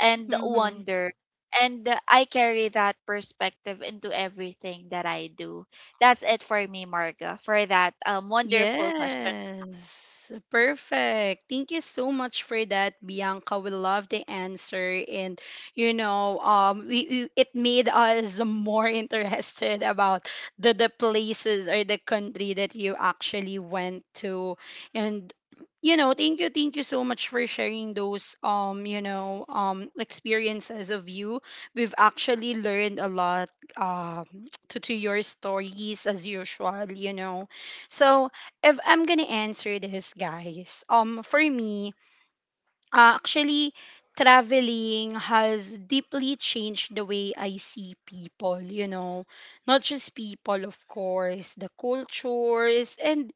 Speaker 2: and
Speaker 1: Mhm.
Speaker 2: wonder. And I carry that perspective into everything that I do. That's it for me, Marga, for that wonderful question.
Speaker 1: Yes, perfect. Thank you so much for that, Bianca. We love the answer, and, we it made us more interested about the places or the country that you actually went to, and, you know, thank you so much for sharing those, experiences of you. We've actually learned a lot, um, to your stories as usual, you know. So if I'm gonna answer this, guys, for me, actually, traveling has deeply changed the way I see people. Not just people, of course, the cultures, and,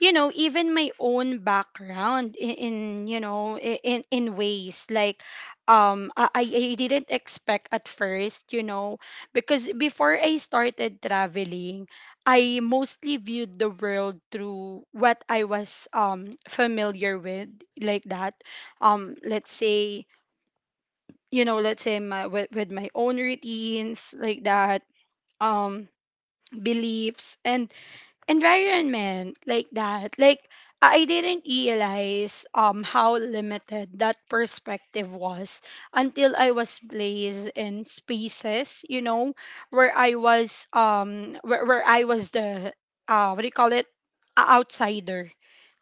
Speaker 1: even my own background, in you know I- in ways, like, um I, I I didn't expect at first, you know. Because before I started traveling, I mostly viewed the world through what I was familiar with, like that. Let's say, my, with my own routines, like that, um beliefs and environment, like that. Like, I didn't realize how limited that perspective was until I was placed in spaces, where I was, where I was the, what do you call it, outsider,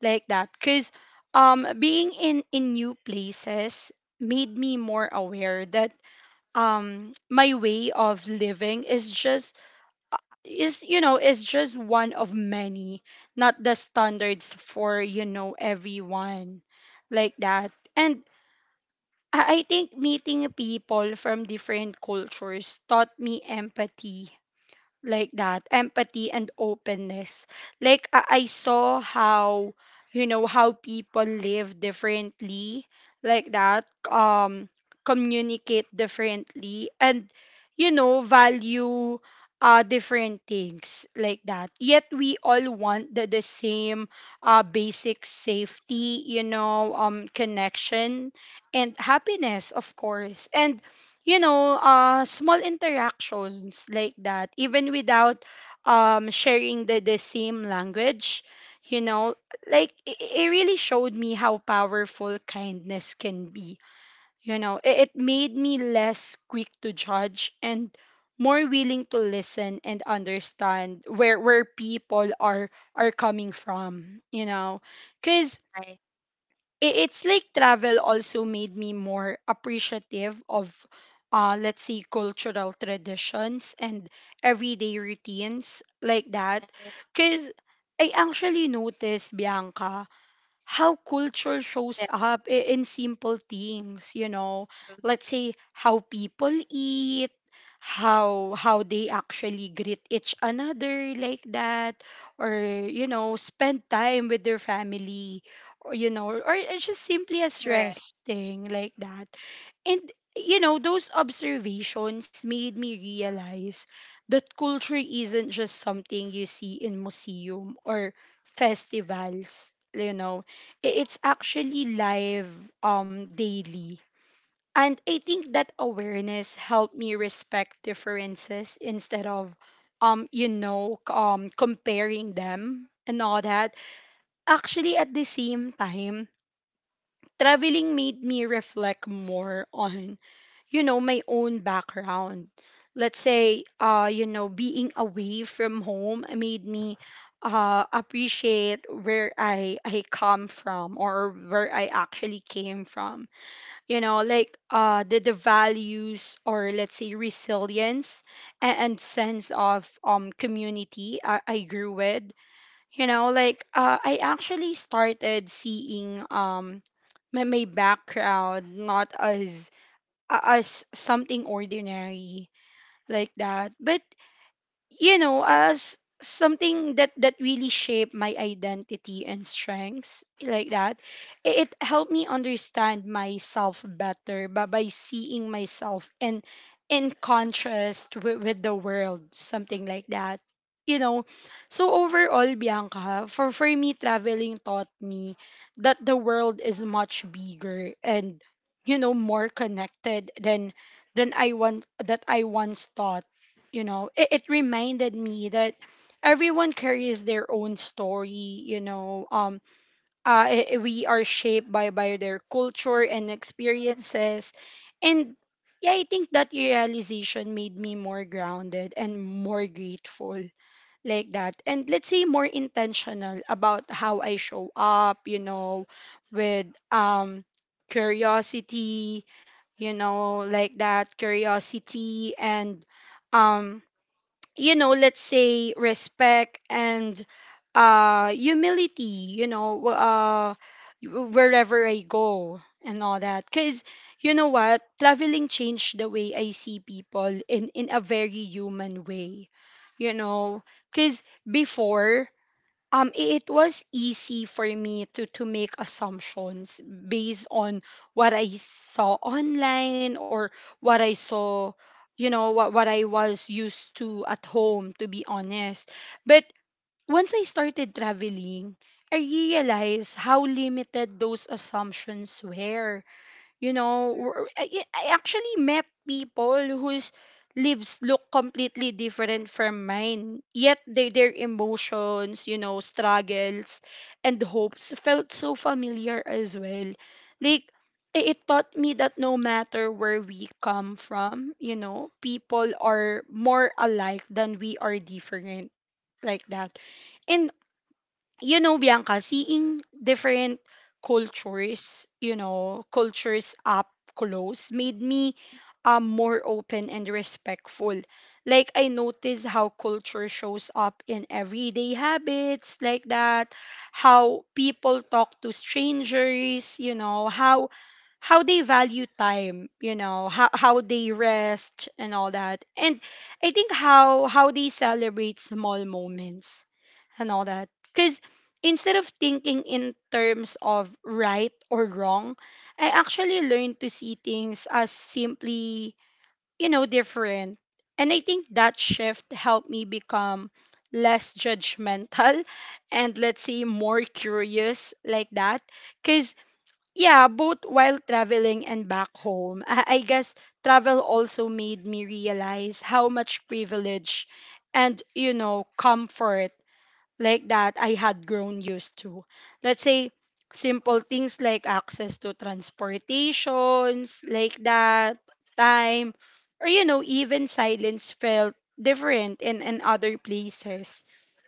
Speaker 1: like that. Because, being in new places made me more aware that, my way of living is just, one of many, not the standards for, everyone, like that. And I think meeting people from different cultures taught me empathy, like that, empathy and openness. Like, I saw how, you know, how people live differently, like that, um communicate differently, and, value, different things, like that, yet we all want the same, basic safety, you know, connection and happiness, of course. And, small interactions, like that, even without, sharing the same language, you know, like, it really showed me how powerful kindness can be. You know, it made me less quick to judge and more willing to listen and understand where people are coming from, you know. Cuz
Speaker 2: Right.
Speaker 1: it's like, travel also made me more appreciative of, let's say, cultural traditions and everyday routines, like that. Because I actually noticed, Bianca, how culture shows
Speaker 2: That's
Speaker 1: up in simple things, you know,
Speaker 2: so true.
Speaker 1: let's say, how people eat, how they actually greet each another, like that, or, you know, spend time with their family, or, it's just simply, as
Speaker 2: Correct.
Speaker 1: resting, like that. And, those observations made me realize that culture isn't just something you see in museum or festivals, it's actually live, daily. And I think that awareness helped me respect differences instead of, comparing them and all that. Actually, at the same time, traveling made me reflect more on, you know, my own background. Let's say, being away from home made me, appreciate where I come from, or where I actually came from, you know. Like, the values, or let's say, resilience, and sense of, community, I grew with, like, I actually started seeing, my background not as something ordinary, like that. But, as something that really shaped my identity and strengths, like that. It helped me understand myself better, but by seeing myself in contrast with the world, something like that. You know, so overall, Bianca, for me, traveling taught me that the world is much bigger and, you know, more connected than I want that I once thought. You know, it reminded me that everyone carries their own story, we are shaped by their culture and experiences. And yeah, I think that realization made me more grounded and more grateful, like that, and let's say, more intentional about how I show up, with, um curiosity, like that, curiosity, and, um let's say, respect, and, humility, wherever I go, and all that. Cause you know what? Traveling changed the way I see people in a very human way. You know, cause before, it was easy for me to make assumptions based on what I saw online, or what I saw, what I was used to at home, to be honest. But once I started traveling, I realized how limited those assumptions were, I actually met people whose lives look completely different from mine, yet their emotions, struggles and hopes felt so familiar as well. Like, it taught me that no matter where we come from, you know, people are more alike than we are different like that. And you know, Bianca, seeing different cultures, you know, cultures up close made me more open and respectful. Like, I noticed how culture shows up in everyday habits like that, how people talk to strangers, you know, how they value time, you know, how they rest and all that, and I think how they celebrate small moments and all that. 'Cause instead of thinking in terms of right or wrong, I actually learned to see things as simply, you know, different. And I think that shift helped me become less judgmental and let's say more curious like that. Because, yeah, both while traveling and back home, I guess travel also made me realize how much privilege and, you know, comfort like that I had grown used to. Let's say simple things like access to transportations, like that, time, or you know, even silence felt different in other places.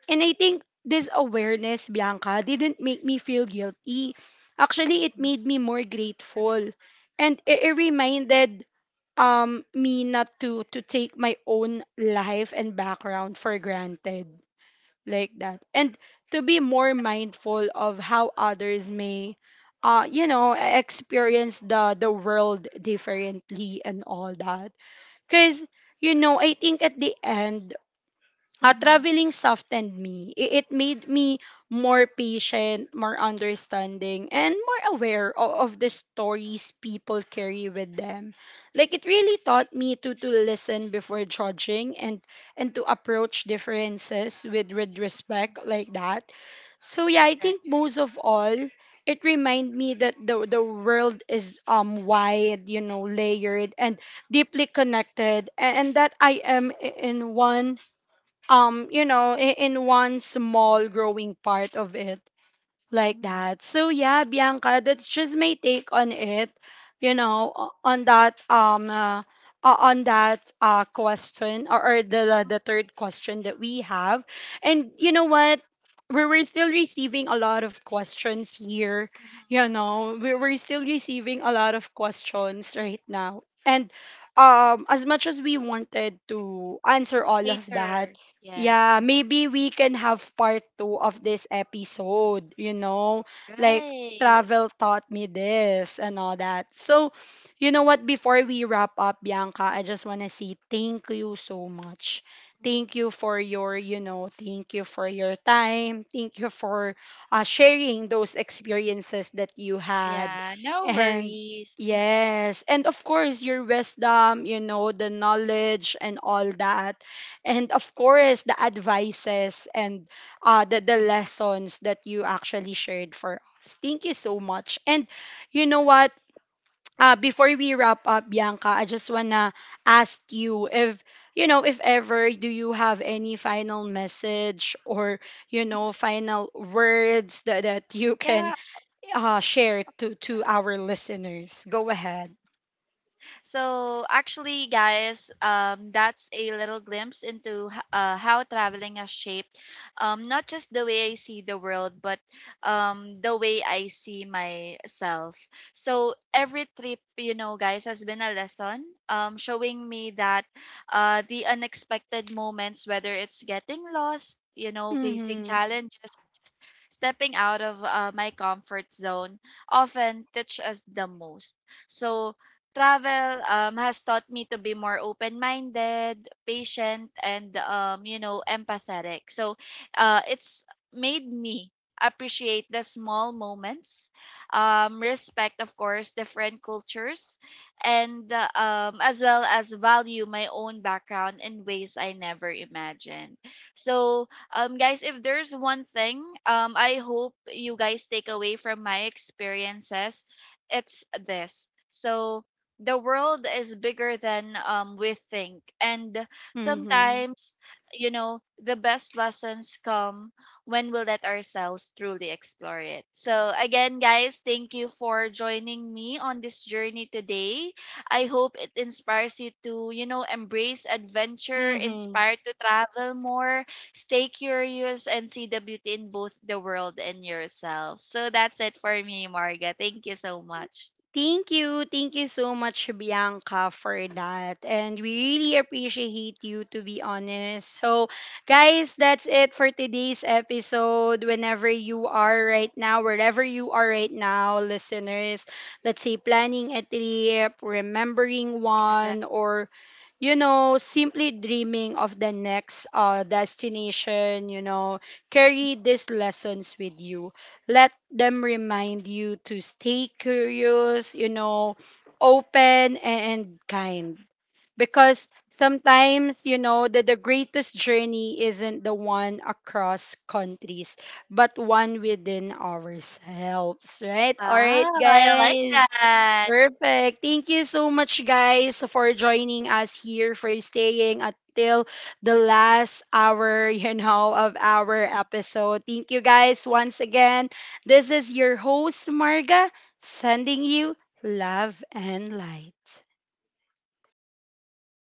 Speaker 1: And I think this awareness, Bianca, didn't make me feel guilty. Actually, it
Speaker 2: Mm-hmm.
Speaker 1: made me more grateful. And it reminded me not to take my own life and background for granted like that, and to be more mindful of how others may you know experience the world differently and all that, because you know I think at the end, traveling softened me. It made me more patient, more understanding, and more aware of the stories people carry with them. Like it really taught me to listen before judging, and to approach differences with respect like that. So yeah, I
Speaker 2: Right.
Speaker 1: think most of all, it reminded me that the world is wide, you know, layered and deeply connected, and that I am in one in one small growing part of it like
Speaker 2: Mm-hmm.
Speaker 1: that. So yeah, Bianca, that's just my take on it, you know, on that on that question, or the third question that we have. And you know what, we're still receiving a lot of questions here, you
Speaker 2: Mm-hmm.
Speaker 1: know, we're still receiving a lot of questions right now, and as much as we wanted to answer all of that,
Speaker 2: Hater. Yes.
Speaker 1: yeah, maybe we can have part two of this episode, you know? Like,
Speaker 2: Right.
Speaker 1: travel taught me this and all that. So, you know what? Before we wrap up, Bianca, I just want to say thank you so much.
Speaker 2: Mhm.
Speaker 1: Thank you for your, you know, thank you for your time. Thank you for sharing those experiences that you had.
Speaker 2: Yeah. No
Speaker 1: And
Speaker 2: worries.
Speaker 1: yes, and of course, your wisdom, you know, the knowledge and all that, and of course the advices and, the
Speaker 2: Mhm.
Speaker 1: lessons that you actually shared for us. Thank you so much. And you know what, before we wrap up, Bianca, I just wanna ask you if, you know, if ever, do you have any final message or, you know, final words that, that you can
Speaker 2: Yeah.
Speaker 1: share to our listeners? Go ahead.
Speaker 2: So actually, guys, that's a little glimpse into how traveling has shaped, not just the way I see the world, but the way I see myself. So every trip, you know, guys, has been a lesson, showing me that, the unexpected moments, whether it's getting lost, you know, facing
Speaker 1: Mm-hmm.
Speaker 2: challenges, stepping out of my comfort zone, often teach us the most. So travel has taught me to be more open-minded, patient, and, empathetic. So, it's made me appreciate the small moments, respect of course different cultures, and as well as value my own background in ways I never imagined. So, guys, if there's one thing, I hope you guys take away from my experiences, it's this. So the world is bigger than we think, and
Speaker 1: Mm-hmm.
Speaker 2: sometimes, you know, the best lessons come when we let ourselves truly explore it. So again, guys, thank you for joining me on this journey today. I hope it inspires you to, you know, embrace adventure,
Speaker 1: Mm-hmm.
Speaker 2: inspired to travel more, stay curious, and see the beauty in both the world and yourself. So that's it for me, Marga. Thank you so much.
Speaker 1: Thank you. Thank you so much, Bianca, for that. And we really appreciate you, to be honest. So, guys, that's it for today's episode. Whenever you are right now, wherever you are right now, listeners, let's say planning a trip, remembering
Speaker 2: Yeah.
Speaker 1: one, or you know, simply dreaming of the next destination, you know, carry these lessons with you. Let them remind you to stay curious, you know, open and kind. Because sometimes, you know, that the greatest journey isn't the one across countries, but one within ourselves, right? All right,
Speaker 2: Wow, I like
Speaker 1: guys.
Speaker 2: that.
Speaker 1: Perfect. Thank you so much, guys, for joining us here, for staying until the last hour, you know, of our episode. Thank you, guys, once again. This is your host, Marga, sending you love and light.